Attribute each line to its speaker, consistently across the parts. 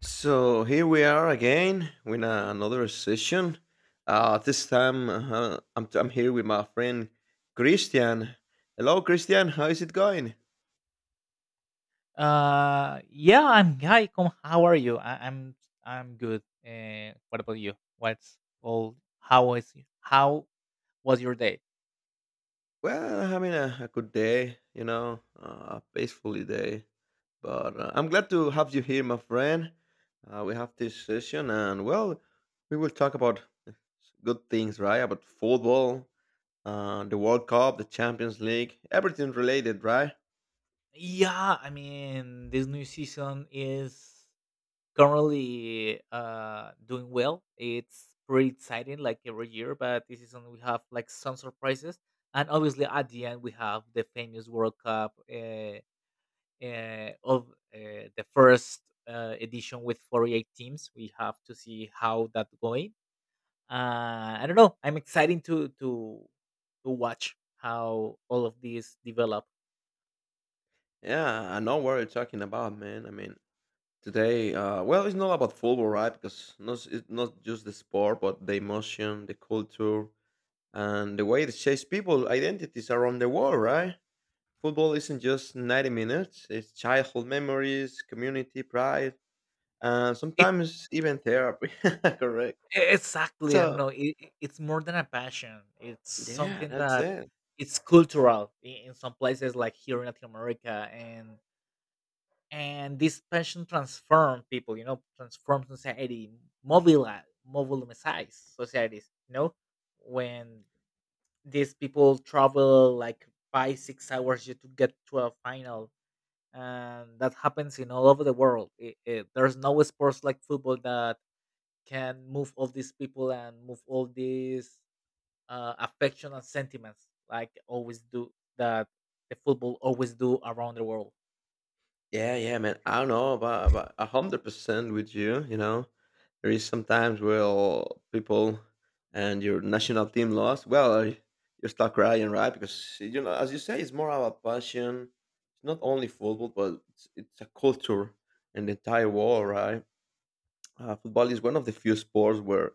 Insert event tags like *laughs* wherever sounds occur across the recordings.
Speaker 1: So here we are again with another session. This time I'm here with my friend Christian. Hello, Christian. How is it going?
Speaker 2: Yeah, I'm hi. Come, how are you? I'm good. What about you? What's all? How was how was your day?
Speaker 1: Well, I'm having a good day, you know, a peaceful day. But I'm glad to have you here, my friend. We have this session, and well, we will talk about good things, right? About football, the World Cup, the Champions League, everything related, right?
Speaker 2: Yeah, I mean this new season is currently doing well. It's pretty exciting, like every year. But this season we have like some surprises, and obviously at the end we have the famous World Cup. Of the first edition with 48 teams. We have to see how that going. I don't know. I'm excited to watch how all of these develop.
Speaker 1: Yeah, I know what you're talking about, man. I mean, today, well, it's not about football, right? Because not, it's not just the sport, but the emotion, the culture, and the way it shapes people identities around the world, right? Football isn't just 90 minutes, it's childhood memories, community pride, and
Speaker 2: It,
Speaker 1: sometimes even therapy, *laughs* correct?
Speaker 2: exactly. I don't
Speaker 1: So,
Speaker 2: know. It's more than a passion. It's
Speaker 1: yeah,
Speaker 2: something
Speaker 1: that's
Speaker 2: that
Speaker 1: it.
Speaker 2: it's cultural in some places like here in Latin America and this passion transform people, you know, transform society, mobilize societies, you know, when these people travel like 5 6 hours just to get to a final, and that happens in all over the world. It, there's no sports like football that can move all these people and move all these affection and sentiments like always do that the football always do around the world.
Speaker 1: Yeah, yeah, man. I don't know about 100% with you, you know. There is sometimes where people and your national team lost. Well, you start crying, right? Because you know, as you say, it's more about passion. It's not only football, but it's a culture and the entire world, right? Football is one of the few sports where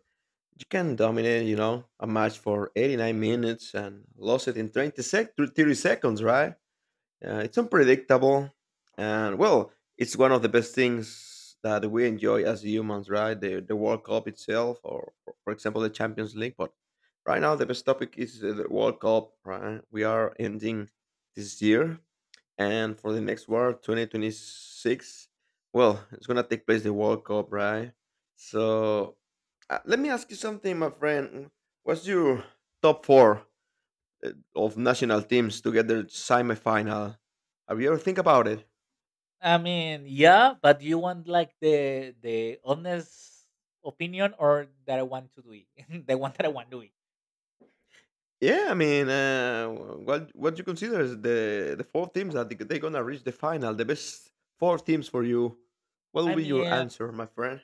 Speaker 1: you can dominate, you know, a match for 89 minutes and lose it in 20 sec 30 seconds, right? It's unpredictable, and well, it's one of the best things that we enjoy as humans, right? The World Cup itself, or for example, the Champions League. But right now, the best topic is the World Cup. Right, we are ending this year, and for the next world, 2026. Well, it's gonna take place the World Cup, right? So, let me ask you something, my friend. What's your top four of national teams to get their semifinal. Have you ever think about it?
Speaker 2: I mean, yeah, but you want like the honest opinion or that I want to do it, *laughs* the one that I want to do it.
Speaker 1: Yeah, I mean, what you consider is the four teams that they're gonna reach the final, the best four teams for you. What will
Speaker 2: I
Speaker 1: be your
Speaker 2: mean,
Speaker 1: answer, my friend?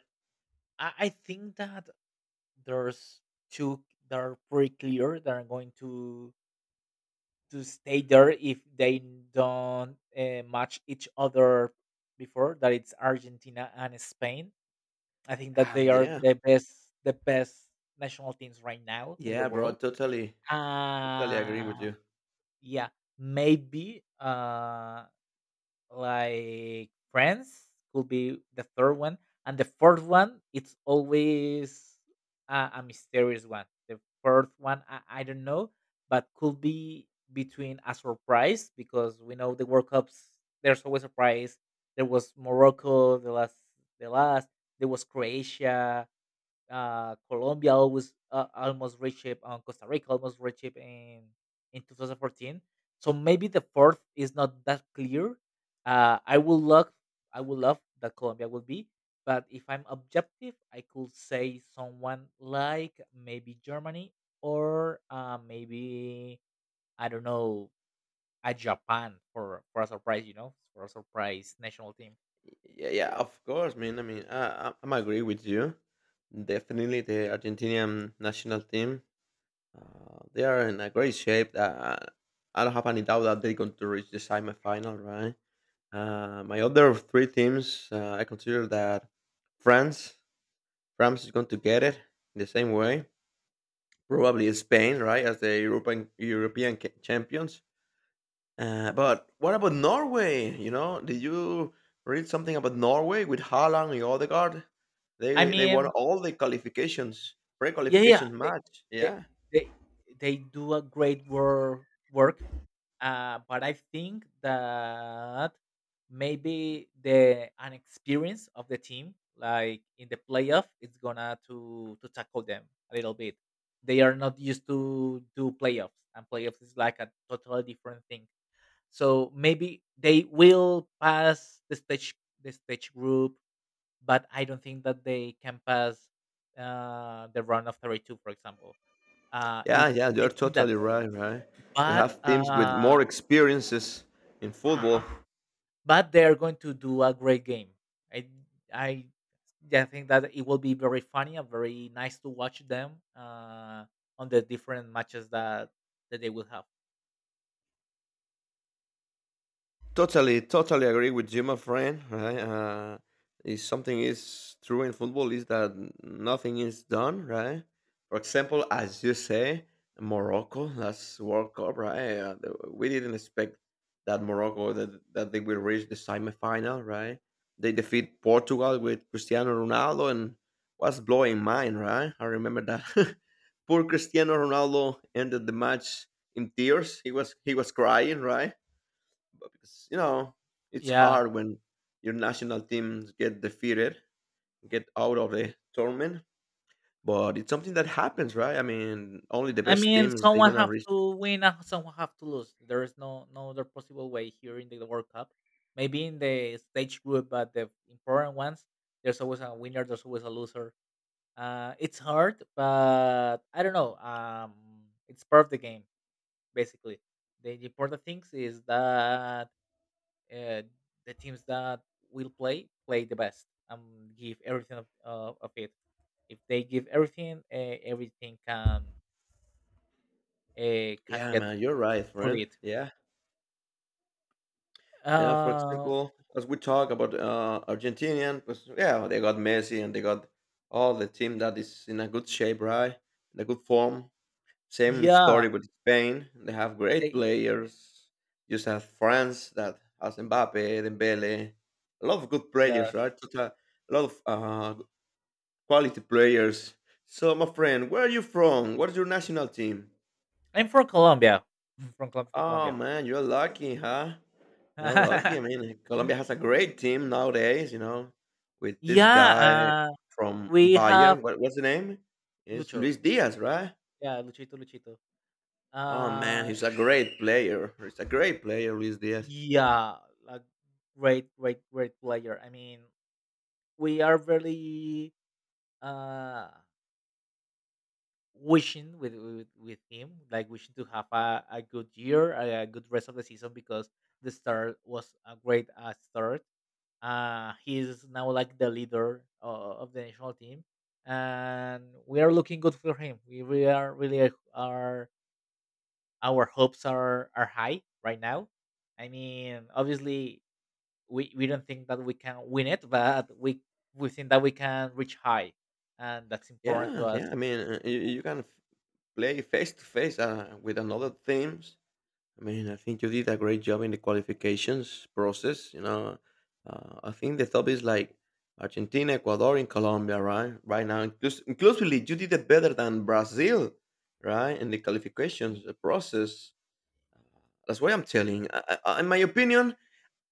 Speaker 2: I think that there's two that are pretty clear that are going to stay there if they don't match each other before. That it's Argentina and Spain. I think that they are
Speaker 1: Yeah,
Speaker 2: the best national teams right now in the
Speaker 1: yeah, bro,
Speaker 2: world.
Speaker 1: totally, totally agree
Speaker 2: Uh,
Speaker 1: with you.
Speaker 2: Yeah, maybe like friends could be the third one, and the fourth one it's always a mysterious one. The fourth one I don't know, but could be between a surprise because we know the World Cups there's always a surprise. There was Morocco the last. There was Croatia, Colombia always almost reached it, Costa Rica almost reached it in 2014. So maybe the fourth is not that clear. Uh, I would love I would love that Colombia would be, but if I'm objective, I could say someone like maybe Germany or maybe I don't know, a Japan for a surprise, you know, for a surprise national team.
Speaker 1: Yeah, yeah, of course, man. I mean, I'm agree with you. Definitely, the Argentinian national team. They are in a great shape. I don't have any doubt that they're going to reach the semifinal, right? My other three teams, I consider that France, France is going to get it the same way. Probably Spain, right, as the European champions. But what about Norway? You know, did you read something about Norway with Haaland and Odegaard?
Speaker 2: I
Speaker 1: They won
Speaker 2: mean,
Speaker 1: all the qualifications,
Speaker 2: yeah,
Speaker 1: pre-qualification match.
Speaker 2: they
Speaker 1: Yeah.
Speaker 2: they they do a great work, but I think that maybe the inexperience of the team like in the playoff it's gonna to tackle them a little bit. They are not used to do playoffs, and playoffs is like a totally different thing, so maybe they will pass the stage, the stage group, but I don't think that they can pass the round of 32, for example.
Speaker 1: Yeah,
Speaker 2: Is
Speaker 1: yeah,
Speaker 2: I
Speaker 1: you're
Speaker 2: think that,
Speaker 1: totally right, right? We
Speaker 2: but
Speaker 1: have teams with
Speaker 2: uh,
Speaker 1: more experiences in
Speaker 2: uh
Speaker 1: football.
Speaker 2: but they are going to do a great game. I I yeah, I think that it will be very funny and very nice to watch them on the different matches that that they will have.
Speaker 1: Totally, totally agree with you, my friend. Right? If something is true in football is that nothing is done, right? For example, as you say, Morocco, last World Cup, right? We didn't expect that Morocco that that they will reach the semifinal, right? They defeat Portugal with Cristiano Ronaldo, and was blowing mind, right? I remember that. *laughs* Poor Cristiano Ronaldo ended the match in tears. He was crying, right? 'Cause, you know, it's
Speaker 2: Yeah,
Speaker 1: hard when your national teams get defeated, get out of the tournament, but it's something that happens, right? I mean, only the
Speaker 2: I
Speaker 1: best
Speaker 2: mean,
Speaker 1: teams they're
Speaker 2: someone
Speaker 1: gonna
Speaker 2: have
Speaker 1: reach.
Speaker 2: to win and someone have to lose. There is no other possible way here in the World Cup. Maybe in the stage group, but the important ones, there's always a winner. There's always a loser. It's hard, but I don't know. It's part of the game, basically. The important things is that uh, the teams that will play play the best and give everything of it. If they give everything, everything can
Speaker 1: Yeah,
Speaker 2: get
Speaker 1: man, you're right,
Speaker 2: through
Speaker 1: friend.
Speaker 2: it.
Speaker 1: Yeah. Yeah, for
Speaker 2: Uh,
Speaker 1: example, as we talk about Argentinian, 'cause, yeah, they got Messi and they got all the team that is in a good shape, right? In a good form. Same
Speaker 2: yeah,
Speaker 1: story with Spain. They have great
Speaker 2: they
Speaker 1: players. You just have France that has Mbappe, Dembele, a lot of good
Speaker 2: yeah.
Speaker 1: players, right? Such a lot of quality players. So, my friend, where are you from? What's your national team?
Speaker 2: I'm from Colombia. Mm, from Colom from
Speaker 1: Oh
Speaker 2: Colombia.
Speaker 1: man, you're lucky, huh? You're lucky. I
Speaker 2: *laughs*
Speaker 1: mean, Colombia has a great team nowadays. You know, with this guy
Speaker 2: Yeah,
Speaker 1: from
Speaker 2: we have
Speaker 1: Bayern. What, what's the name? It's
Speaker 2: Lucho.
Speaker 1: Luis Diaz, right?
Speaker 2: Yeah, Luchito, Luchito.
Speaker 1: Oh man,
Speaker 2: Uh,
Speaker 1: he's a great player. He's a great player, Luis Diaz.
Speaker 2: yeah, a great, great player. I mean, we are really uh wishing with him, like wishing to have a good year, a good rest of the season because the start was a great start. He is now like the leader of the national team, and we are looking good for him. We are really are our hopes are high right now. I mean, obviously, we don't think that we can win it, but we think that we can reach high, and that's important to
Speaker 1: Yeah,
Speaker 2: us.
Speaker 1: yeah. I mean, you, play face to face with another teams. I mean, I think you did a great job in the qualifications process. You know, I think the top is like Argentina, Ecuador, and Colombia, right? Right now, inclusively, you did it better than Brazil, right? In the
Speaker 2: Y-
Speaker 1: qualifications process. That's why I'm telling. In my opinion,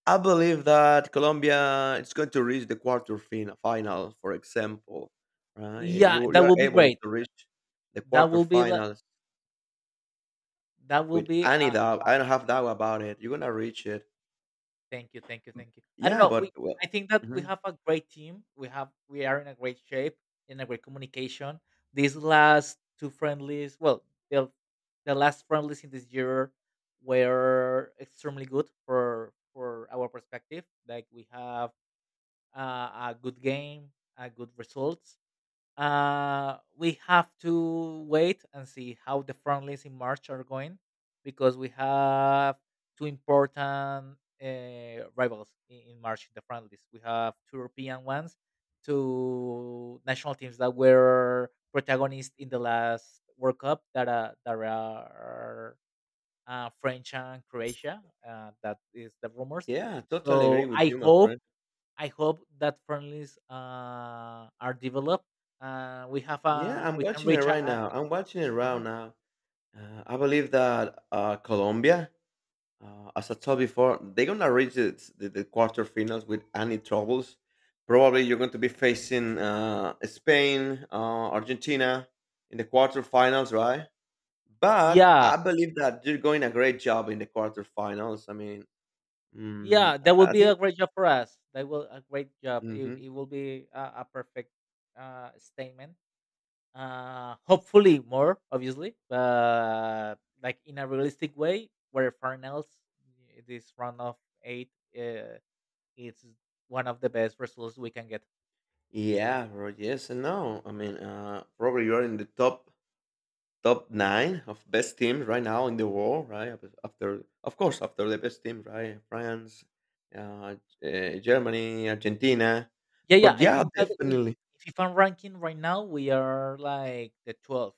Speaker 1: I believe that Colombia is going to reach the final, for example. Right?
Speaker 2: Yeah,
Speaker 1: You
Speaker 2: that
Speaker 1: you're
Speaker 2: will be
Speaker 1: able
Speaker 2: great.
Speaker 1: to reach the
Speaker 2: That will be like
Speaker 1: quarterfinals
Speaker 2: that will
Speaker 1: with
Speaker 2: be
Speaker 1: any
Speaker 2: a,
Speaker 1: doubt. I don't have doubt about it. You're gonna reach it.
Speaker 2: thank you, thank you, thank you. I don't
Speaker 1: Yeah,
Speaker 2: know. We,
Speaker 1: but well,
Speaker 2: I think that we
Speaker 1: mhm,
Speaker 2: have a great team. We are in a great shape, in a great communication. These last two friendlies, well, the the last friendlies in this year were extremely good for our perspective. Like we have a good game, a good results, we have to wait and see how the front lines in March are going because we have two important rivals in March in the front list. We have two European ones, two national teams that were protagonists in the last World Cup that, that are French and Croatia. That is the rumors.
Speaker 1: yeah, totally agree
Speaker 2: So
Speaker 1: with
Speaker 2: I
Speaker 1: you, my
Speaker 2: hope
Speaker 1: friend.
Speaker 2: I hope that friendlies are developed.
Speaker 1: Yeah, I'm
Speaker 2: We can
Speaker 1: watching it
Speaker 2: reach
Speaker 1: right now. I'm watching it right
Speaker 2: uh
Speaker 1: now. I believe that Colombia, as I told before, they're gonna reach the quarterfinals with any troubles. Probably you're going to be facing Spain, Argentina in the quarterfinals, right? But
Speaker 2: yeah,
Speaker 1: I believe that they're going a great job in the quarterfinals. I mean, mm,
Speaker 2: yeah, that will
Speaker 1: I
Speaker 2: be a
Speaker 1: think.
Speaker 2: great job for us. That will a great job.
Speaker 1: Hmm.
Speaker 2: It will be a perfect statement. Hopefully more obviously, but like in a realistic way where finals this round of eight, uh, it's one of the best results we can get.
Speaker 1: Yeah, bro. Yes and no. I mean, probably you're in the top nine of best teams right now in the world, right? After, of course, after the best team, right? France, uh, Germany, Argentina,
Speaker 2: Yeah, yeah.
Speaker 1: but
Speaker 2: I
Speaker 1: yeah,
Speaker 2: think that in
Speaker 1: definitely
Speaker 2: FIFA ranking right now we are like the 12th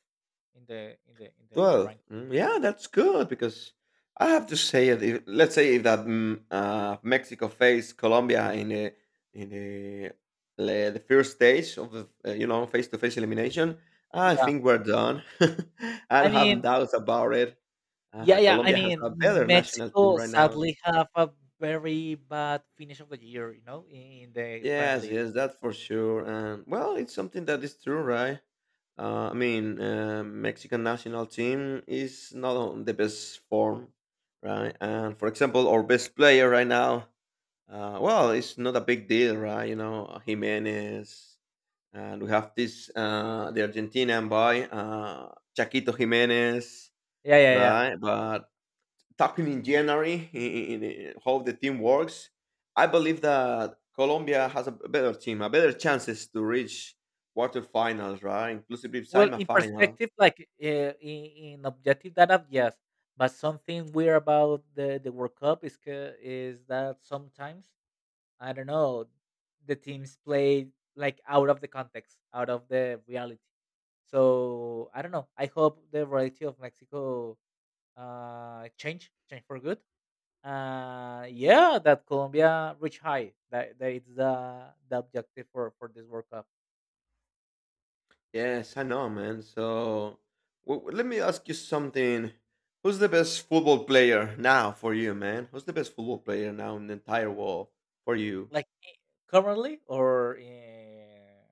Speaker 2: in the in the in the
Speaker 1: 12.
Speaker 2: rank.
Speaker 1: Mm, yeah, that's good because I have to say, it, if, let's say if that mm, Mexico faced Colombia in the in the the first stage of the you know face to face elimination, I
Speaker 2: Yeah,
Speaker 1: think we're done. *laughs* I
Speaker 2: I
Speaker 1: don't have
Speaker 2: mean,
Speaker 1: doubts about it.
Speaker 2: yeah, yeah. I
Speaker 1: Colombia has
Speaker 2: mean,
Speaker 1: a better national team
Speaker 2: Mexico
Speaker 1: right now.
Speaker 2: sadly have a very bad finish of the year, you know, in the
Speaker 1: Yes,
Speaker 2: friendlies.
Speaker 1: yes, that for sure. And well, it's something that is true, right? I mean, Mexican national team is not on the best form, right? And for example, our best player right now, well, it's not a big deal, right? You know, Jimenez, and we have this the Argentinian boy, Chaquito Jimenez,
Speaker 2: Yeah, yeah, yeah.
Speaker 1: right? But talking in January in how the team works, I believe that Colombia has a better team, a better chances to reach quarterfinals, right? Inclusive
Speaker 2: Well, in
Speaker 1: semifinal.
Speaker 2: perspective, like in objective data, yes. But something weird about the World Cup is that sometimes I don't know, the teams play like out of the context, out of the reality. So I don't know. I hope the reality of Mexico change change for good. Yeah, that Colombia reach high. That that is the objective for this World Cup.
Speaker 1: Yes, I know, man. So let me ask you something. Who's the best football player now for you, man? Who's the best football player now in the entire world for you?
Speaker 2: Like currently or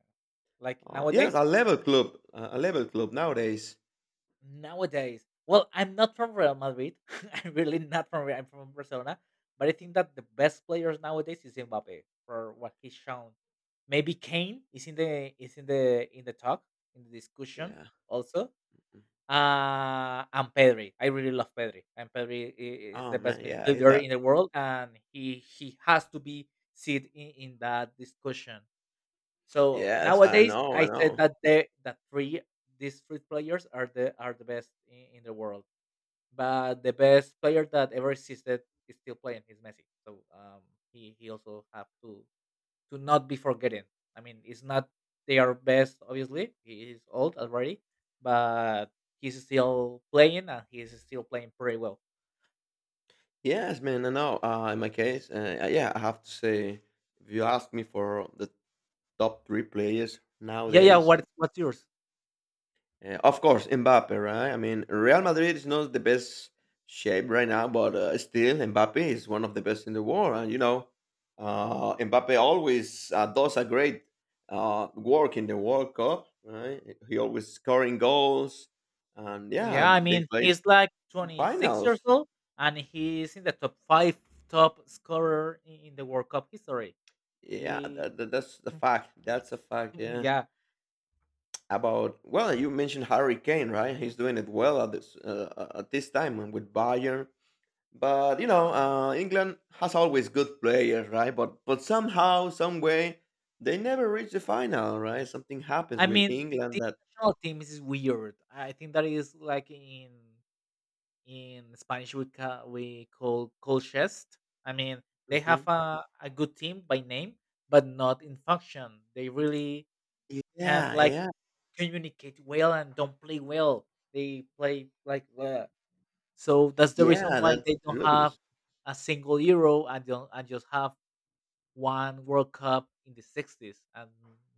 Speaker 2: like
Speaker 1: Yeah,
Speaker 2: nowadays.
Speaker 1: a level club nowadays.
Speaker 2: Nowadays, well, I'm not from Real Madrid. *laughs* I'm really not from. Real- I'm from Barcelona, but I think that the best players nowadays is Mbappe for what he's shown. Maybe Kane is in the in the talk in the discussion
Speaker 1: Yeah.
Speaker 2: also. And Pedri, I really love Pedri, and Pedri is
Speaker 1: Oh
Speaker 2: the best
Speaker 1: man, yeah, he's
Speaker 2: midfielder
Speaker 1: a.
Speaker 2: in the world, and he has to be sit in that discussion. So
Speaker 1: Yes, I
Speaker 2: nowadays,
Speaker 1: know, I
Speaker 2: I said
Speaker 1: know.
Speaker 2: that these three players are the best in the world. But the best player that ever existed is still playing. Is Messi. So he also have to not be forgotten. I mean, it's not they are best. Obviously, he is old already, but he's still playing and he's still playing pretty well.
Speaker 1: Yes, man. I know. In my case, yeah, I have to say, if you ask me for the top three players
Speaker 2: Yeah, yeah.
Speaker 1: nowadays,
Speaker 2: What what's yours?
Speaker 1: of course, Mbappe, right? I mean, Real Madrid is not the best shape right now, but still, Mbappe is one of the best in the world. And, you know, Mbappe always does a great work in the World Cup, right? He always scoring goals. And, yeah,
Speaker 2: Yeah, I
Speaker 1: they
Speaker 2: mean,
Speaker 1: played
Speaker 2: he's like 26 years
Speaker 1: finals.
Speaker 2: old and he's in the top five top scorer in the World Cup history.
Speaker 1: Yeah,
Speaker 2: He,
Speaker 1: that's the
Speaker 2: *laughs*
Speaker 1: fact. That's a fact, yeah.
Speaker 2: yeah,
Speaker 1: About, well, you mentioned Harry Kane, right? He's doing it well at this time and with Bayern. But you know, England has always good players, right? But somehow, some way, they never reach the final, right? Something happens
Speaker 2: I
Speaker 1: with
Speaker 2: mean,
Speaker 1: England
Speaker 2: the
Speaker 1: that.
Speaker 2: national team is weird. I think that is like in Spanish we we call colchest. I mean, they have
Speaker 1: Mhm.
Speaker 2: a good team by name, but not in function. They really can
Speaker 1: Yeah,
Speaker 2: like
Speaker 1: yeah,
Speaker 2: communicate well and don't play well. They play like bleh. So that's the reason
Speaker 1: yeah,
Speaker 2: why
Speaker 1: that's
Speaker 2: they don't
Speaker 1: true
Speaker 2: have
Speaker 1: because
Speaker 2: a single Euro and don't, and just have one World Cup in the 60s and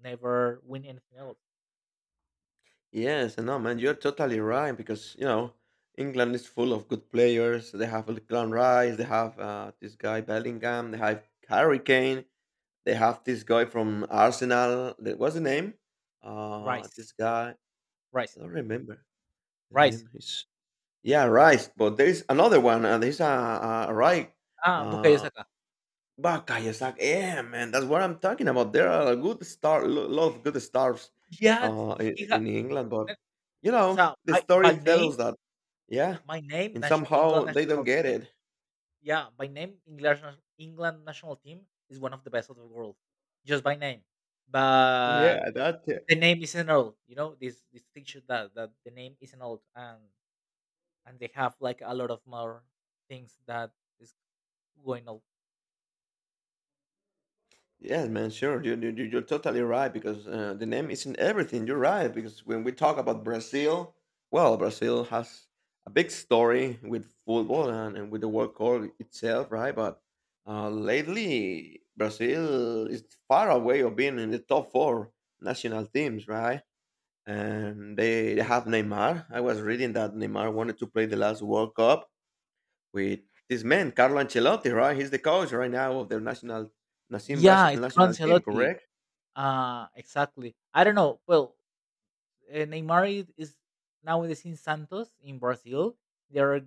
Speaker 2: never win anything else.
Speaker 1: yes and no, man, you're totally right because you know, England is full of good players. They have Glenn Rice, they have this guy Bellingham, they have Harry Kane. They have this guy from Arsenal. What's the name?
Speaker 2: Rice,
Speaker 1: This guy. I
Speaker 2: rice,
Speaker 1: don't remember the name.
Speaker 2: rice.
Speaker 1: Is, yeah, Rice. But there is another one. There's a right.
Speaker 2: Ah, Bukayo
Speaker 1: Uh,
Speaker 2: Saka.
Speaker 1: Bakayasaki. Yeah, man, that's what I'm talking about. There are a good star, lot of good stars,
Speaker 2: Yeah, th- he ha-
Speaker 1: in England.
Speaker 2: eh,
Speaker 1: But you know,
Speaker 2: so
Speaker 1: the
Speaker 2: I
Speaker 1: story
Speaker 2: by name,
Speaker 1: tells that. Yeah,
Speaker 2: my name,
Speaker 1: and
Speaker 2: nas-
Speaker 1: somehow
Speaker 2: England
Speaker 1: they don't
Speaker 2: national
Speaker 1: get
Speaker 2: team.
Speaker 1: it.
Speaker 2: Yeah, by name, English England national team is one of the best of the world, just by name. But
Speaker 1: Yeah, that.
Speaker 2: the name is an old, you know, this picture that that the name is an old, and they have like a lot of more things that is going on.
Speaker 1: Yes, man, sure. You're totally right because the name isn't everything. You're right because when we talk about Brazil, well, Brazil has a big story with football and with the World Cup itself, right? But lately, Brazil is far away of being in the top four national teams, right? And they have Neymar. I was reading that Neymar wanted to play the last World Cup with this man, Carlo Ancelotti, right? He's the coach right now of the national
Speaker 2: Yeah, it's
Speaker 1: National team,
Speaker 2: Ancelotti.
Speaker 1: correct?
Speaker 2: Exactly. I don't know. Well, Neymar is nowadays in Santos in Brazil. They are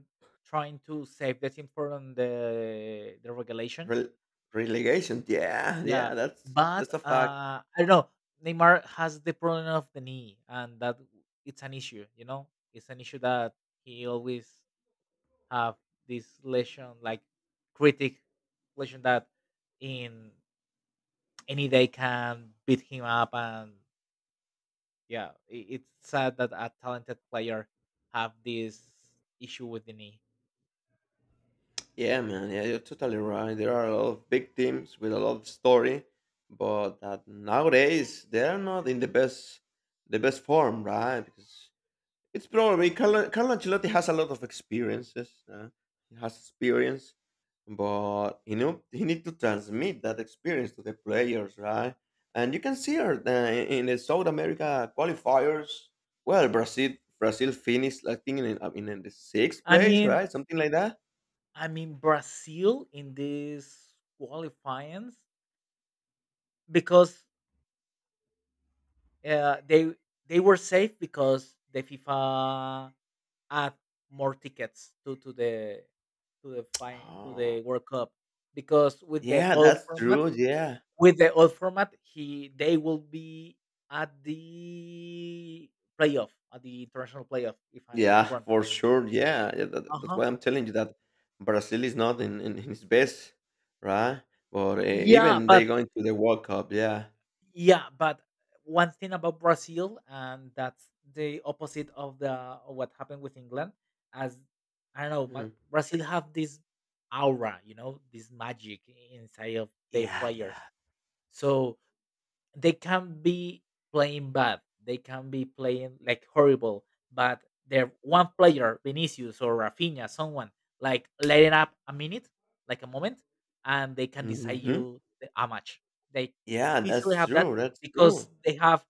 Speaker 2: trying to save the team from the regulation.
Speaker 1: Rel Relegation, yeah,
Speaker 2: Yeah,
Speaker 1: yeah, that's
Speaker 2: but
Speaker 1: a fact.
Speaker 2: I don't know. Neymar has the problem of the knee, and that it's an issue. You know, it's an issue that he always have this lesion like critic lesion that in any day can beat him up and yeah it's sad that a talented player have this issue with the knee.
Speaker 1: Yeah, man, yeah, you're totally right. There are a lot of big teams with a lot of story, but that nowadays they are not in the best form, right? Because it's probably Carlo, Carlo Ancelotti has a lot of experiences. He has experience, but you know he need to transmit that experience to the players, right? And you can see her in the South America qualifiers. Well, Brazil finished, I think, in the sixth
Speaker 2: i
Speaker 1: place,
Speaker 2: mean
Speaker 1: right? Something like that.
Speaker 2: I mean brazil in these qualifyings because uh, they they were safe because the fifa add more tickets to to the
Speaker 1: Oh,
Speaker 2: world cup because with the
Speaker 1: yeah,
Speaker 2: old
Speaker 1: that's
Speaker 2: format.
Speaker 1: true. Yeah.
Speaker 2: With the old format, he they will be at the playoff, at the international playoff, if I'm not
Speaker 1: Yeah,
Speaker 2: wrong.
Speaker 1: for sure. Yeah, yeah that's
Speaker 2: Uh-huh.
Speaker 1: why I'm telling you that Brazil is not in his best, right? But
Speaker 2: Yeah,
Speaker 1: even
Speaker 2: but
Speaker 1: they going to the World Cup. Yeah.
Speaker 2: yeah, but one thing about Brazil, and that's the opposite of the of what happened with England, as I don't know,
Speaker 1: Mhm.
Speaker 2: Brazil have this aura, you know, this magic inside of their
Speaker 1: Yeah, yeah.
Speaker 2: players. So they can be playing bad. They can be playing like horrible, but their one player, Vinicius or Rafinha, someone like letting up a minute, like a moment, and they can decide
Speaker 1: Hmm.
Speaker 2: you a match. They
Speaker 1: Yeah,
Speaker 2: easily
Speaker 1: that's
Speaker 2: have that
Speaker 1: true. That's
Speaker 2: because
Speaker 1: true.
Speaker 2: they have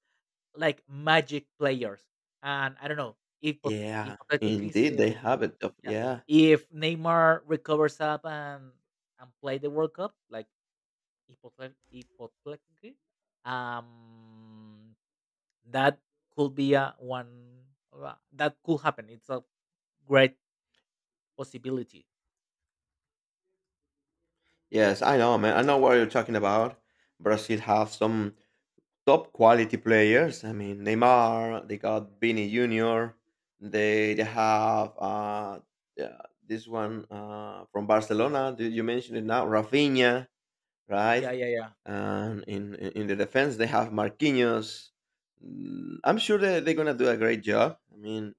Speaker 2: like magic players. And I don't know if
Speaker 1: Yeah,
Speaker 2: hypothetically,
Speaker 1: indeed, they have it though.
Speaker 2: yeah,
Speaker 1: Yeah.
Speaker 2: if Neymar recovers up and play the World Cup, like Hipotle hypothetically, um, that could be a one that could happen. It's a great possibility.
Speaker 1: Yes, I know, man. I know what you're talking about. Brazil have some top quality players. I mean, Neymar. They got Vini Junior. They have yeah, this one from Barcelona. Did you mention it now, Rafinha, right?
Speaker 2: Yeah, yeah, yeah.
Speaker 1: And in the defense, they have Marquinhos. I'm sure that they're gonna do a great job. I mean,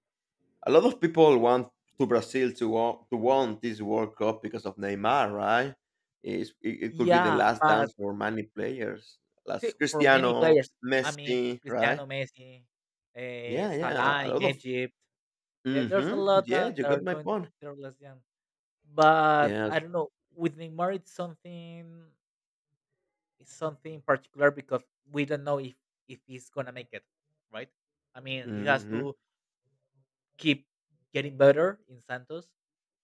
Speaker 1: a lot of people want to Brazil to won this World Cup because of Neymar, right? It could be the
Speaker 2: Yeah,
Speaker 1: last
Speaker 2: but
Speaker 1: dance for many players,
Speaker 2: see,
Speaker 1: last
Speaker 2: for many
Speaker 1: Cristiano,
Speaker 2: players, I mean,
Speaker 1: Messi, right?
Speaker 2: Cristiano Messi,
Speaker 1: Yeah, yeah.
Speaker 2: Salah
Speaker 1: A
Speaker 2: in
Speaker 1: lot of.
Speaker 2: Egypt, there's a
Speaker 1: Mm-hmm.
Speaker 2: lot
Speaker 1: Yeah,
Speaker 2: that
Speaker 1: you
Speaker 2: are
Speaker 1: got my
Speaker 2: doing
Speaker 1: point.
Speaker 2: their less young. But
Speaker 1: Yes.
Speaker 2: I don't know, with Neymar, it's something. It's something in particular because we don't know if he's gonna make it, right? I mean, he has
Speaker 1: Hmm.
Speaker 2: to keep getting better in Santos,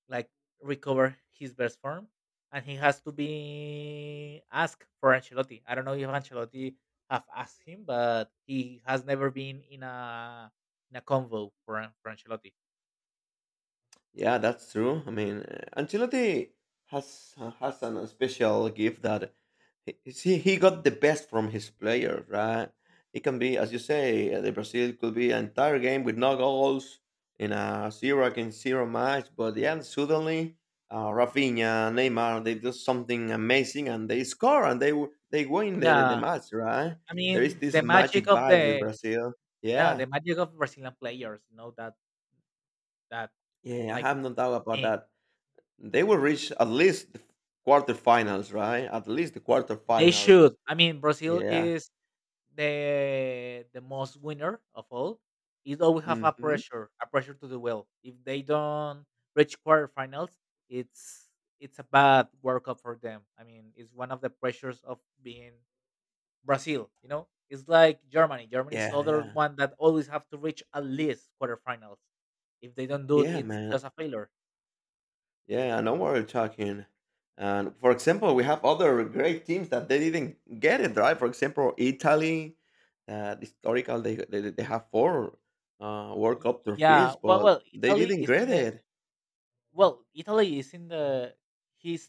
Speaker 2: like recover his best form, and he has to be asked for Ancelotti. I don't know if Ancelotti have asked him, but he has never been in a convo for Ancelotti.
Speaker 1: Yeah, That's true. I mean, Ancelotti has a special gift that, see, he got the best from his players, right? It can be, as you say, the Brazil could be an entire game with no goals in a zero against zero match, but yeah, suddenly Rafinha, Neymar, they do something amazing and they score and they win the
Speaker 2: Yeah,
Speaker 1: match, right?
Speaker 2: I
Speaker 1: There is
Speaker 2: mean
Speaker 1: this
Speaker 2: the
Speaker 1: magic
Speaker 2: magic of
Speaker 1: vibe with
Speaker 2: the
Speaker 1: Brazil.
Speaker 2: yeah
Speaker 1: Yeah,
Speaker 2: the magic of Brazilian players, you know that
Speaker 1: yeah, I
Speaker 2: like
Speaker 1: have no doubt about
Speaker 2: thing.
Speaker 1: that. They will
Speaker 2: Uh,
Speaker 1: reach at least the quarterfinals, right? At least the
Speaker 2: They
Speaker 1: quarterfinals.
Speaker 2: should. I mean, Brazil
Speaker 1: Yeah.
Speaker 2: is the most winner of all. It always have
Speaker 1: Hmm.
Speaker 2: a pressure to do well. If they don't reach quarterfinals, it's it's a bad World Cup for them. I mean, it's one of the pressures of being Brazil. You know, it's like Germany. Germany is
Speaker 1: Yeah,
Speaker 2: other
Speaker 1: yeah.
Speaker 2: one that always have to reach at least quarterfinals. If they don't do it,
Speaker 1: Yeah,
Speaker 2: it's
Speaker 1: man.
Speaker 2: just a failure.
Speaker 1: Yeah, I know what you're talking. And for example, we have other great teams that they didn't get it right. For example, Italy, historical, they have four World
Speaker 2: Y-
Speaker 1: Cup
Speaker 2: Yeah,
Speaker 1: trophies,
Speaker 2: well,
Speaker 1: but
Speaker 2: well,
Speaker 1: they
Speaker 2: Italy
Speaker 1: didn't
Speaker 2: is in
Speaker 1: get
Speaker 2: the
Speaker 1: it.
Speaker 2: well, Italy is in the his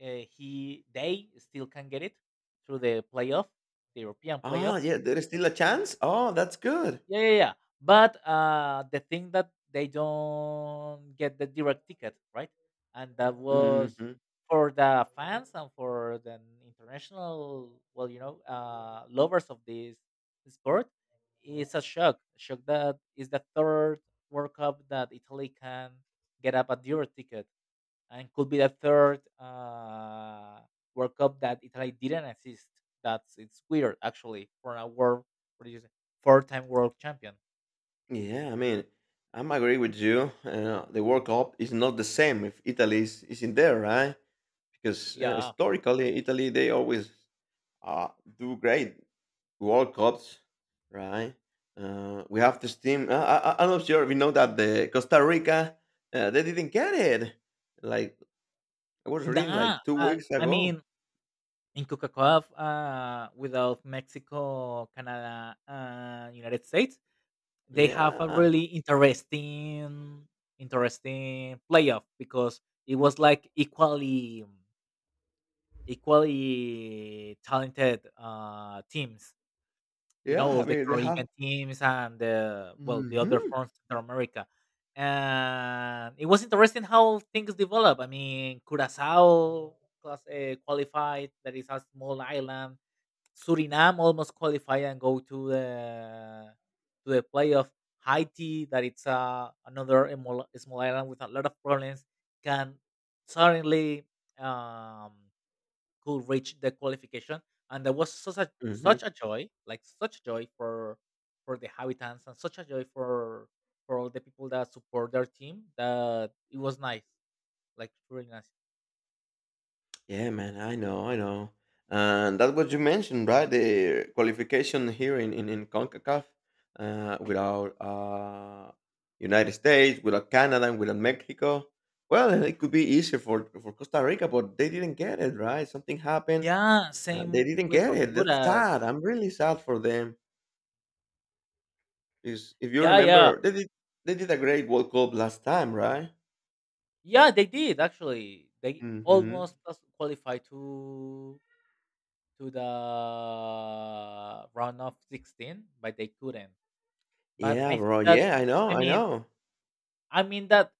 Speaker 2: he they still can get it through the playoff, the European playoff.
Speaker 1: Ah, yeah, there is still a chance. Oh, that's good.
Speaker 2: Yeah, yeah, yeah. But the thing that they don't get the direct ticket, right? And that was
Speaker 1: Hmm.
Speaker 2: for the fans and for the international, well, you know, lovers of this sport. It's a shock. Shock that is the third World Cup that Italy can get up a direct ticket and could be the third World Cup that Italy didn't assist. That's it's weird actually for a world what do you say, four time world champion.
Speaker 1: Yeah, I mean, I'm agree with you. The World Cup is not the same if Italy is in there, right? Because
Speaker 2: Yeah,
Speaker 1: historically, Italy they always uh, do great World Cups, right? We have this team. I'm not sure if you know that the Costa Rica, they didn't get it. Like I was reading
Speaker 2: nah.
Speaker 1: like two weeks
Speaker 2: I
Speaker 1: ago.
Speaker 2: mean, in Coca-Cola, without Mexico, Canada, and United States, they have a
Speaker 1: Yeah,
Speaker 2: really interesting, interesting playoff because it was like equally, equally talented teams, you know,
Speaker 1: yeah.
Speaker 2: all
Speaker 1: I
Speaker 2: the
Speaker 1: mean, they have.
Speaker 2: Caribbean teams and the well, the other
Speaker 1: Hmm.
Speaker 2: from Central America. And it was interesting how things develop. I mean, Curacao class qualified, that is a small island. Suriname almost qualified and go to the playoff. Haiti, that it's another small, small island with a lot of problems, can suddenly um, could reach the qualification, and that was such a
Speaker 1: Hmm.
Speaker 2: such a joy, like such a joy for the habitants and such a joy for all the people that support their team. That it was nice, like really nice.
Speaker 1: Yeah, man, I know, I know. And that's what you mentioned, right? The qualification here in CONCACAF without United States, without Canada, and without Mexico. Well, it could be easier for Costa Rica, but they didn't get it, right? Something happened.
Speaker 2: Yeah,
Speaker 1: They
Speaker 2: same
Speaker 1: didn't
Speaker 2: with
Speaker 1: get it. That's
Speaker 2: Honduras.
Speaker 1: sad. I'm really sad for them. Because if you
Speaker 2: Yeah, yeah,
Speaker 1: remember, they did a great World Cup last time, right?
Speaker 2: yeah. They did actually. They
Speaker 1: Hmm.
Speaker 2: almost just qualified to the round of 16, but they couldn't. But
Speaker 1: Yeah,
Speaker 2: I think
Speaker 1: bro.
Speaker 2: that
Speaker 1: Yeah, I know,
Speaker 2: I
Speaker 1: I
Speaker 2: mean
Speaker 1: know.
Speaker 2: I mean that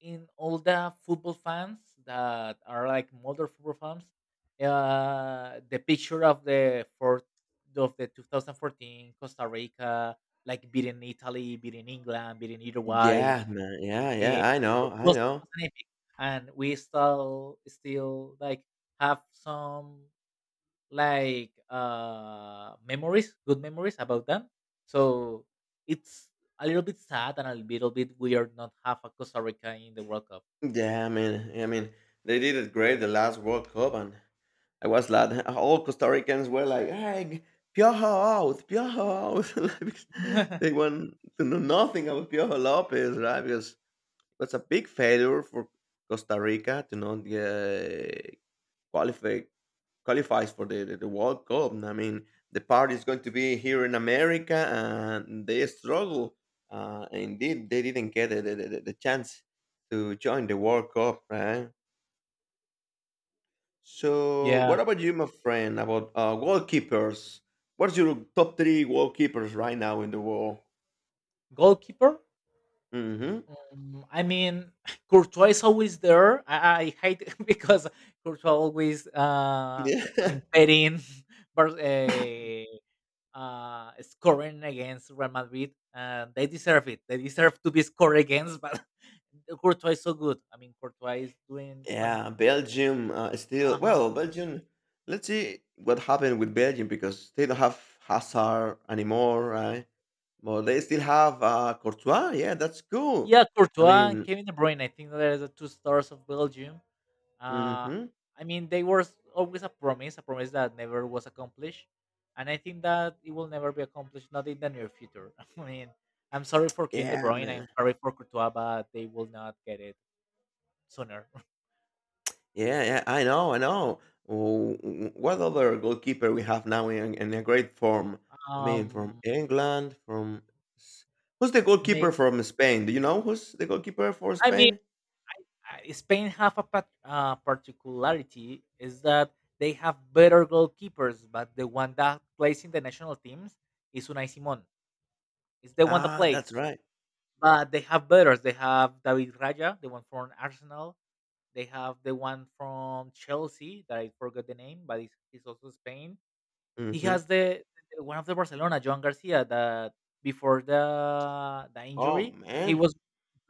Speaker 2: in all the football fans that are like modern football fans, the picture of the fourth of the 2014 Costa Rica, like beating Italy, beating England, beating Uruguay,
Speaker 1: Yeah, man. Yeah,
Speaker 2: it
Speaker 1: yeah. I know. I know.
Speaker 2: was an epic, and we still still like have some like memories good memories about them, so it's a little bit sad and a little bit weird not have a Costa Rica in the World Cup.
Speaker 1: Yeah, I mean, they did it great the last World Cup, and I was glad *laughs* all Costa Ricans were like, "Hey, Piojo out, Piojo out!" *laughs* Like, because they
Speaker 2: *laughs*
Speaker 1: want to know nothing about Piojo Lopez, right? Because it was a big failure for Costa Rica to not qualify qualifies for the World Cup. I mean, the party is going to be here in America, and they struggle. Indeed, they didn't get the chance to join the World Cup, right? So,
Speaker 2: Yeah.
Speaker 1: what about you, my friend, about goalkeepers? What's your top three goalkeepers right now in the world?
Speaker 2: Goalkeeper,
Speaker 1: Hmm.
Speaker 2: I mean *laughs* courtois is always there. I hate it *laughs* because Courtois always
Speaker 1: Yeah. *laughs*
Speaker 2: impeding *laughs* but scoring against Real Madrid, and they deserve it, they deserve to be scored against. But Courtois is so good. I mean, Courtois is doing some.
Speaker 1: Yeah, Belgium
Speaker 2: Uh
Speaker 1: still.
Speaker 2: huh.
Speaker 1: Well, Belgium. Let's see what happened with Belgium because they don't have Hazard anymore, right? Well, they still have, Courtois? Yeah, that's cool.
Speaker 2: Yeah,
Speaker 1: I
Speaker 2: Courtois and
Speaker 1: mean.
Speaker 2: Kevin De Bruyne. I think there are the two stars of Belgium. Uh,
Speaker 1: Mhm.
Speaker 2: I mean, they were always a promise that never was accomplished, and I think that it will never be accomplished, not in the near future. *laughs* I mean, I'm sorry for Kevin De
Speaker 1: Yeah,
Speaker 2: Bruyne. I'm
Speaker 1: man.
Speaker 2: sorry for Courtois, but they will not get it sooner.
Speaker 1: Yeah, yeah, I know, I know. W w what other goalkeeper we have now in a great form?
Speaker 2: *laughs*
Speaker 1: I mean, from
Speaker 2: um,
Speaker 1: England, from s who's the
Speaker 2: may
Speaker 1: goalkeeper from Spain? Do you know who's the goalkeeper for
Speaker 2: I mean.
Speaker 1: Spain?
Speaker 2: Spain have particularity is that they have better goalkeepers, but the one that plays in the national teams is Unai Simon. It's the one that
Speaker 1: Ah,
Speaker 2: plays.
Speaker 1: that's right.
Speaker 2: But they have better. They have David Raya, the one from Arsenal. They have the one from Chelsea that I forgot the name, but he's also Spain. He
Speaker 1: Mhm.
Speaker 2: has the one of the Barcelona, Joan Garcia, that before the
Speaker 1: Oh,
Speaker 2: injury, he
Speaker 1: man.
Speaker 2: was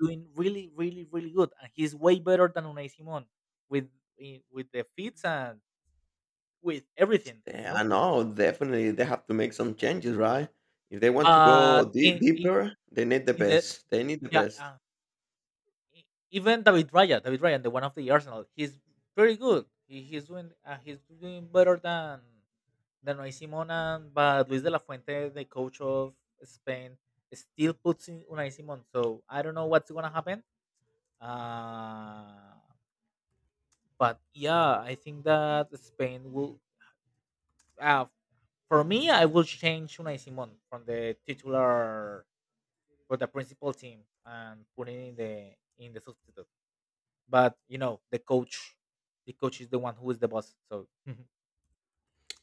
Speaker 2: doing really, really, really good, and he's way better than Unai Simon with with the fits and with everything, you
Speaker 1: Yeah, I
Speaker 2: know.
Speaker 1: know. Definitely, they have to make some changes, right? If they want to
Speaker 2: But
Speaker 1: go dea deeper, they need the
Speaker 2: in the
Speaker 1: best. They need the
Speaker 2: yeah,
Speaker 1: best.
Speaker 2: e- even David Raya, David Ryan, the one of the Arsenal, he's pretty good. He's doing better than Danoy Simona, but Luis de la Fuente, the coach of Spain, still puts in Unai Simon. So I don't know what's gonna happen. Uh, but yeah, I think that Spain will. Uh, for me, I will change Unai Simon from the titular for the principal team and put it in the substitute. But you know, the coach is the one who is the boss. So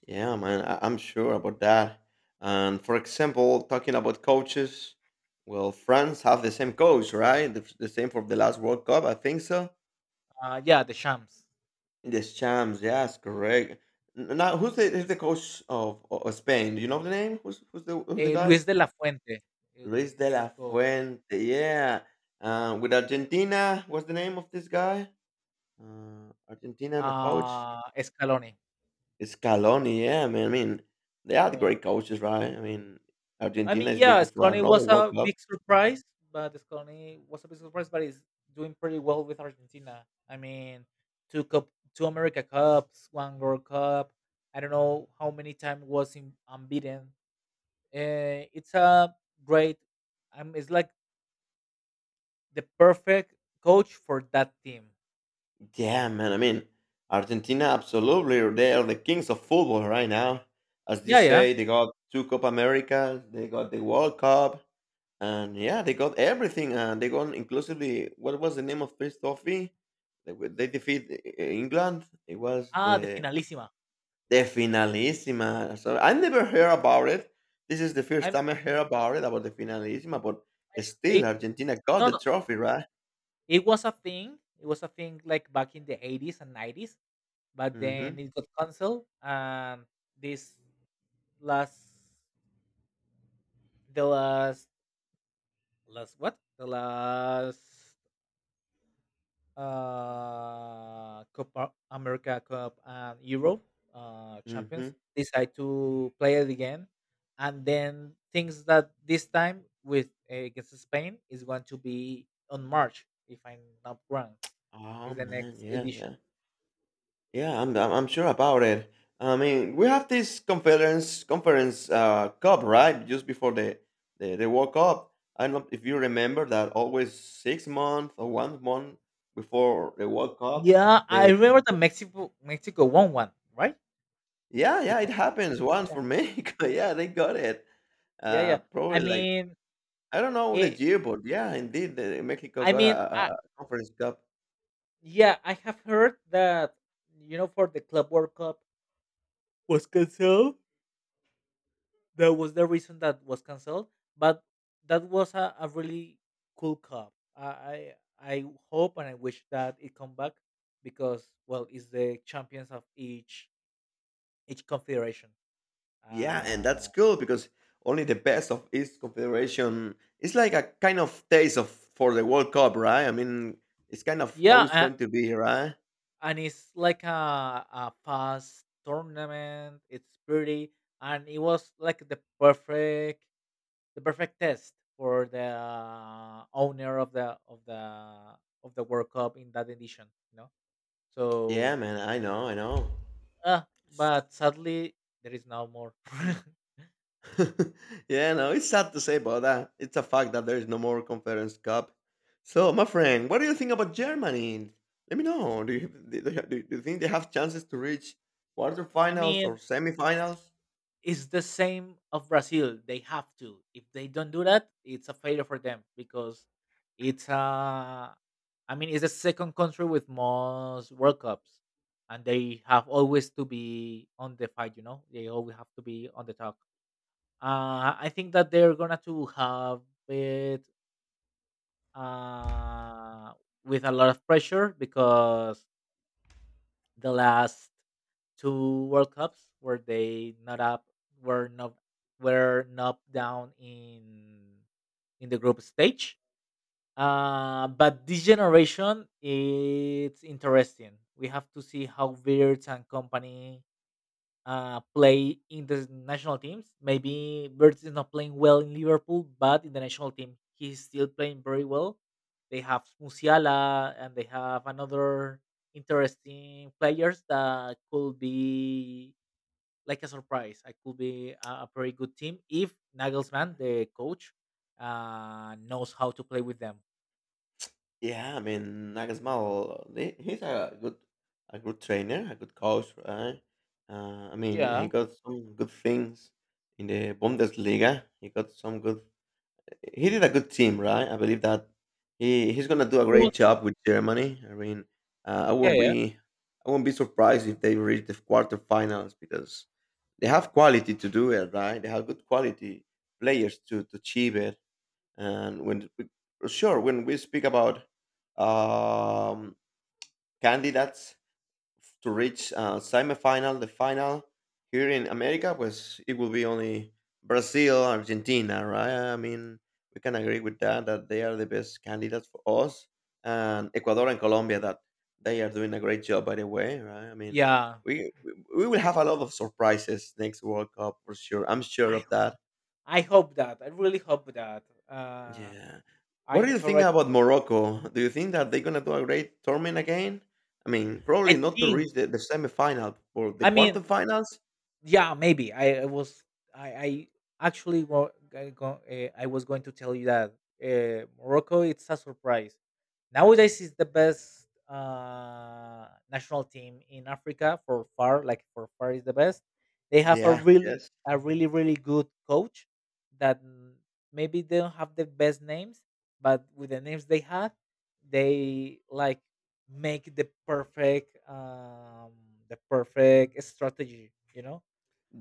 Speaker 1: Yeah, man, I'm sure about that. And for example, talking about coaches, well, France have the same coach, right? The same for the last World Cup, I think so.
Speaker 2: *laughs* yeah, the Shams,
Speaker 1: In the champs, yes, correct. Now, who's the coach of Spain? Do you know the name? Who's the guy?
Speaker 2: Luis de la Fuente, is-
Speaker 1: Luis de
Speaker 2: he's
Speaker 1: la
Speaker 2: called.
Speaker 1: Fuente. Yeah. With Argentina, what's the name of this guy? Argentina and the coach.
Speaker 2: Ah, Scaloni.
Speaker 1: Scaloni, yeah, man. I mean, they had
Speaker 2: Yeah.
Speaker 1: great coaches, right? I mean,
Speaker 2: I
Speaker 1: Argentina
Speaker 2: mean,
Speaker 1: is looking for another World Cup.
Speaker 2: Scaloni was a big surprise, but he's doing pretty well with Argentina. I mean, two cup, two America Cups, one World Cup. I don't know how many times was in, unbeaten. It's a great. I'm. It's like the perfect coach for that team.
Speaker 1: Yeah, man. I mean, Argentina, absolutely. They are the kings of football right now. As you
Speaker 2: Yeah, yeah.
Speaker 1: say, they got two Copa Americas, they got the World Cup, and yeah, they got everything. And they got inclusively, what was the name of this trophy? They defeat England. It was
Speaker 2: Ah, the
Speaker 1: the
Speaker 2: finalissima.
Speaker 1: The Finalissima. So I never heard about it. This is the first
Speaker 2: I'm.
Speaker 1: time I heard about it about the Finalissima, but
Speaker 2: It,
Speaker 1: still Argentina got
Speaker 2: no,
Speaker 1: the
Speaker 2: no.
Speaker 1: trophy, right?
Speaker 2: It was a thing. It was a thing like back in the 80s and 90s, but then
Speaker 1: Hmm.
Speaker 2: it got canceled and this last the last last what the last Copa America Cup and Euro champions
Speaker 1: Hmm.
Speaker 2: decide to play it again, and then things that this time with eh, against Spain is going to be on March if I'm not wrong, is
Speaker 1: Oh
Speaker 2: the
Speaker 1: man,
Speaker 2: next
Speaker 1: yeah,
Speaker 2: edition.
Speaker 1: yeah, yeah. I'm sure about it. I mean, we have this conference cup, right? Just before the World Cup. I don't know if you remember that. Always 6 months or one month before the World Cup.
Speaker 2: Yeah, I
Speaker 1: They
Speaker 2: remember the Mexico won one, right?
Speaker 1: yeah,
Speaker 2: The
Speaker 1: yeah, it
Speaker 2: cup.
Speaker 1: happens once for Mexico. *laughs* Yeah, they got it.
Speaker 2: Yeah, yeah.
Speaker 1: Uh,
Speaker 2: I
Speaker 1: probably like
Speaker 2: mean,
Speaker 1: I don't know the
Speaker 2: it.
Speaker 1: year, but yeah, indeed, Mexico
Speaker 2: I
Speaker 1: got
Speaker 2: mean,
Speaker 1: a, a a conference cup.
Speaker 2: yeah, I have heard that, you know, for the Club World Cup was canceled. That was the reason that was canceled. But that was a really cool cup. I hope and I wish that it come back because well, it's the champions of each confederation.
Speaker 1: Yeah,
Speaker 2: Uh,
Speaker 1: and that's cool because only the best of each confederation. It's like a kind of taste of for the World Cup, right? I mean, it's kind of how
Speaker 2: yeah,
Speaker 1: it's going to be, right?
Speaker 2: and it's like a fast tournament. It's pretty, and it was like the perfect test for the owner of the of the of the World Cup in that edition. You know,
Speaker 1: Yeah,
Speaker 2: so
Speaker 1: man, I know, I know.
Speaker 2: uh, but sadly there is no more. *laughs*
Speaker 1: *laughs* Yeah, no, it's sad to say, but it's a fact that there is no more Conference Cup. So, my friend, what do you think about Germany? Let me know. Do you think they have chances to reach
Speaker 2: I
Speaker 1: quarterfinals or
Speaker 2: mean,
Speaker 1: semifinals?
Speaker 2: it's the same of Brazil. They have to. If they don't do that, it's a failure for them because it's I mean it's the second country with most World Cups. And they have always to be on the fight, you know. They always have to be on the top. I think that they're gonna to have it uh, with a lot of pressure because the last two World Cups were they not up were not were not down in the group stage. But this generation, it's interesting. We have to see how Beards and company play in the national teams. Maybe Verts is not playing well in Liverpool, but in the national team, he's still playing very well. They have Musiala and they have another interesting players that could be like a surprise. I could be a very good team if Nagelsmann, the coach, knows how to play with them.
Speaker 1: Yeah, I mean Nagelsmann, he's a good trainer, a good coach, right? I mean,
Speaker 2: Yeah.
Speaker 1: he got some good things in the Bundesliga. He got some good. He did a good team, right? I believe that he's
Speaker 2: He
Speaker 1: gonna do a
Speaker 2: was,
Speaker 1: great job with Germany. I mean, uh, I
Speaker 2: yeah,
Speaker 1: won't
Speaker 2: yeah.
Speaker 1: be I won't be surprised if they reach the quarterfinals because they have quality to do it, right? They have good quality players to achieve it. And when sure, when we speak about um, candidates to reach semifinal, the final here in America, was it will be only Brazil, Argentina, right? I mean, we can agree with that that they are the best candidates for us, and Ecuador and Colombia that they are doing a great job by the way, right? I mean,
Speaker 2: Yeah,
Speaker 1: we will have a lot of surprises next World Cup for sure. I'm sure
Speaker 2: I,
Speaker 1: of that.
Speaker 2: I hope that. I really hope that.
Speaker 1: Yeah.
Speaker 2: I
Speaker 1: What do you think
Speaker 2: encourage.
Speaker 1: about Morocco? Do you think that they're gonna do a great tournament again? I mean,
Speaker 2: I
Speaker 1: probably not to
Speaker 2: think
Speaker 1: reach the semifinal or the
Speaker 2: I mean
Speaker 1: quarterfinals.
Speaker 2: yeah maybe I was I actually wa- I, go, I was going to tell you that Morocco it's a surprise. Nowadays is the best national team in Africa for far, like for far is the best. They
Speaker 1: Yeah.
Speaker 2: have
Speaker 1: Yeah, yes.
Speaker 2: a really really good coach that mm, maybe they don't have the best names, but with the names they had, they like make the perfect strategy, you know.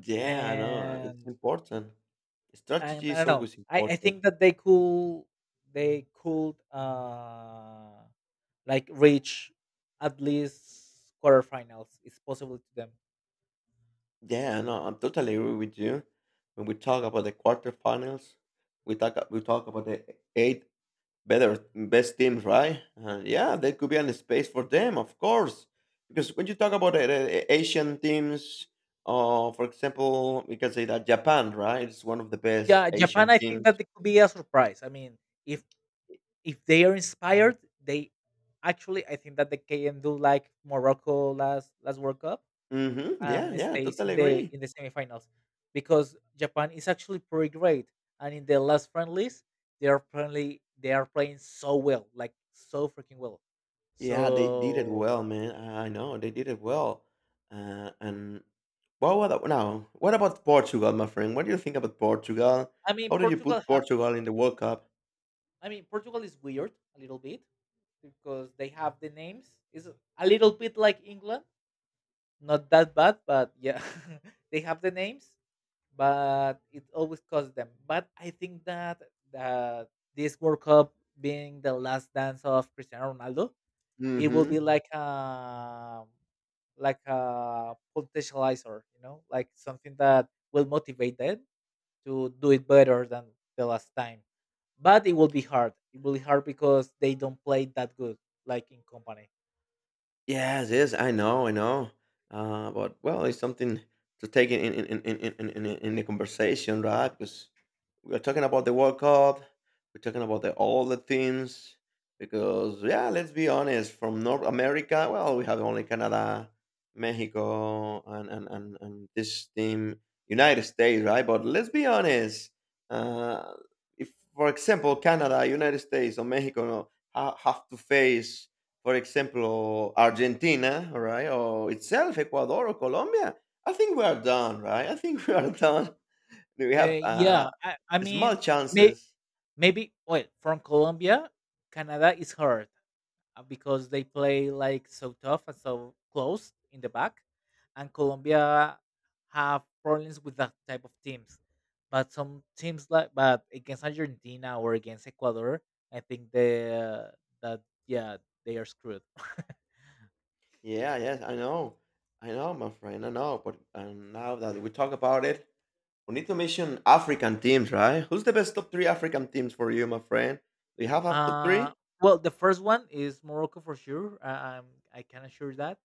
Speaker 1: Yeah, I know. It's
Speaker 2: and
Speaker 1: important.
Speaker 2: and
Speaker 1: Strategy
Speaker 2: I
Speaker 1: is
Speaker 2: don't know.
Speaker 1: always
Speaker 2: I
Speaker 1: important.
Speaker 2: think that they could like reach at least quarterfinals. It's possible to them.
Speaker 1: Yeah, no, I know. I'm totally agree with you. When we talk about the quarterfinals, we talk about the eight better best teams, right? Yeah, there could be a space for them, of course, because when you talk about the Asian teams, for example, we can say that Japan, right, is one of the best
Speaker 2: Yeah, Japan.
Speaker 1: Asian
Speaker 2: I think
Speaker 1: teams.
Speaker 2: that it could be a surprise. I mean, if if they are inspired, they actually I think that they can do like Morocco last last World Cup,
Speaker 1: Mm-hmm.
Speaker 2: and
Speaker 1: Yeah, yeah,
Speaker 2: stays in
Speaker 1: totally
Speaker 2: the
Speaker 1: agree.
Speaker 2: in the semifinals because Japan is actually pretty great. And in the last friendlies, they are apparently they are playing so well, like so freaking well. Mm.
Speaker 1: Yeah, they did it
Speaker 2: So
Speaker 1: well, man. I know they did it well. And well, what about now? What about Portugal, my friend? What do you think about Portugal?
Speaker 2: I mean,
Speaker 1: How do you
Speaker 2: Portugal
Speaker 1: put
Speaker 2: have
Speaker 1: Portugal in the World Cup?
Speaker 2: I mean Portugal is weird a little bit because they have the names. Is a little bit like England, not that bad, but yeah, *laughs* they have the names but it always cost them. But I think that this World Cup being the last dance of Cristiano Ronaldo, it will
Speaker 1: Hmm.
Speaker 2: be Mhm. Like a potentializer, you know, like something that will motivate them to do it better than the last time. But it will be hard. It will be hard because they don't play that good, like in company.
Speaker 1: Yes, yes, I know, I know. But well, it's something to take in the conversation, right? Because we are talking about the World Cup, we're talking about all the teams. Because yeah, let's be honest, from North America, well, we have only Canada, Mexico, and this team, United States, right? But let's be honest. Uh, if, for example, Canada, United States, or Mexico, no, have to face for example, or Argentina, right, or itself Ecuador or Colombia, I think we are done, right? I think we are *laughs* done. We have
Speaker 2: Yeah, I
Speaker 1: small
Speaker 2: mean,
Speaker 1: chances.
Speaker 2: maybe, well, from Colombia, Canada is hard. Uh, because they play like so tough and so close in the back, and Colombia have problems with that type of teams. But some teams like but against Argentina or against Ecuador, I think they that yeah they are screwed. *laughs*
Speaker 1: Yeah, yes, I know, my friend, I know. But now that we talk about it, we need to mention African teams, right? Who's the best top three African teams for you, my friend? Do you have top
Speaker 2: Uh
Speaker 1: three?
Speaker 2: well, the first one is Morocco for sure. I'm I can assure that.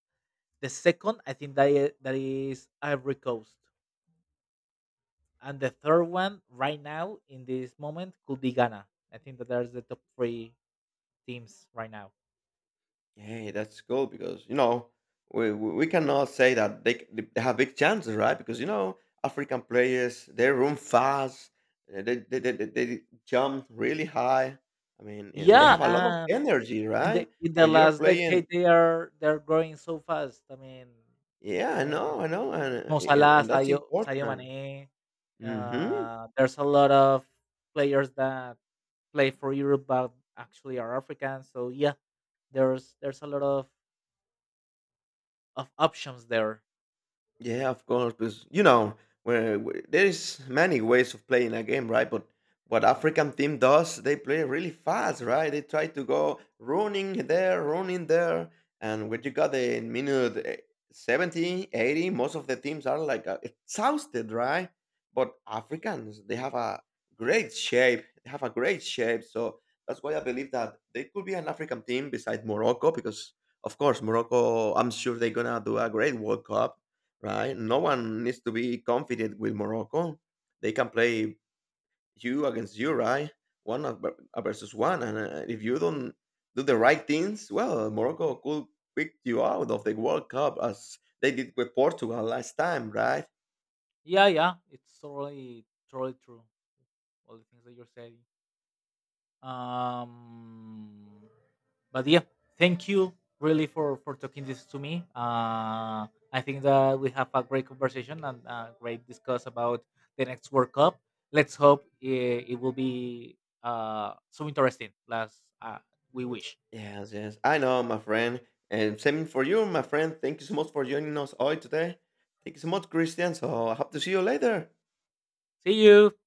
Speaker 2: The second, I think that is Ivory Coast, and the third one right now in this moment could be Ghana. I think that there's the top three teams right now.
Speaker 1: Hey, that's cool because you know we cannot say that they have big chances, right? Because you know African players they run fast, they jump really high. I mean, and they
Speaker 2: Yeah,
Speaker 1: have a lot of energy,
Speaker 2: in the
Speaker 1: right?
Speaker 2: in the
Speaker 1: When you're
Speaker 2: last
Speaker 1: playing,
Speaker 2: decade they are they're growing so fast. I mean,
Speaker 1: yeah,
Speaker 2: uh,
Speaker 1: I know, and
Speaker 2: Mo
Speaker 1: eh, and,
Speaker 2: Salah,
Speaker 1: and that's
Speaker 2: Sadio
Speaker 1: important.
Speaker 2: Mane.
Speaker 1: Hmm.
Speaker 2: There's a lot of players that play for Europe but actually are African. So yeah, there's a lot of options there.
Speaker 1: Yeah, of course, because where there is many ways of playing a game, right? But what African team does, they play really fast, right? They try to go running there, and when you got the minute 70, 80, most of the teams are like exhausted, right? But
Speaker 2: Y-
Speaker 1: Africans, they have a great shape. They have a great shape, so that's why I believe that they could be an African team besides Morocco, because of course Morocco, I'm sure they're gonna do a great World Cup, right? No one needs to be confident with Morocco. They can play you against you, right? Versus one, and if you don't do the right things, well, Morocco could pick you out of the World Cup as they did with Portugal last time, right?
Speaker 2: Yeah, yeah, it's totally, totally true. All the things that you're saying. Um, but yeah, thank you really for talking this to me. I think that we have a great conversation and a great discuss about the next World Cup. Let's hope it, it will be so interesting as we wish.
Speaker 1: Yes, yes, I know, my friend. And same for you, my friend. Thank you so much for joining us all today. Thank you so much, Christian. So I hope to see you later. Bye.
Speaker 2: See you.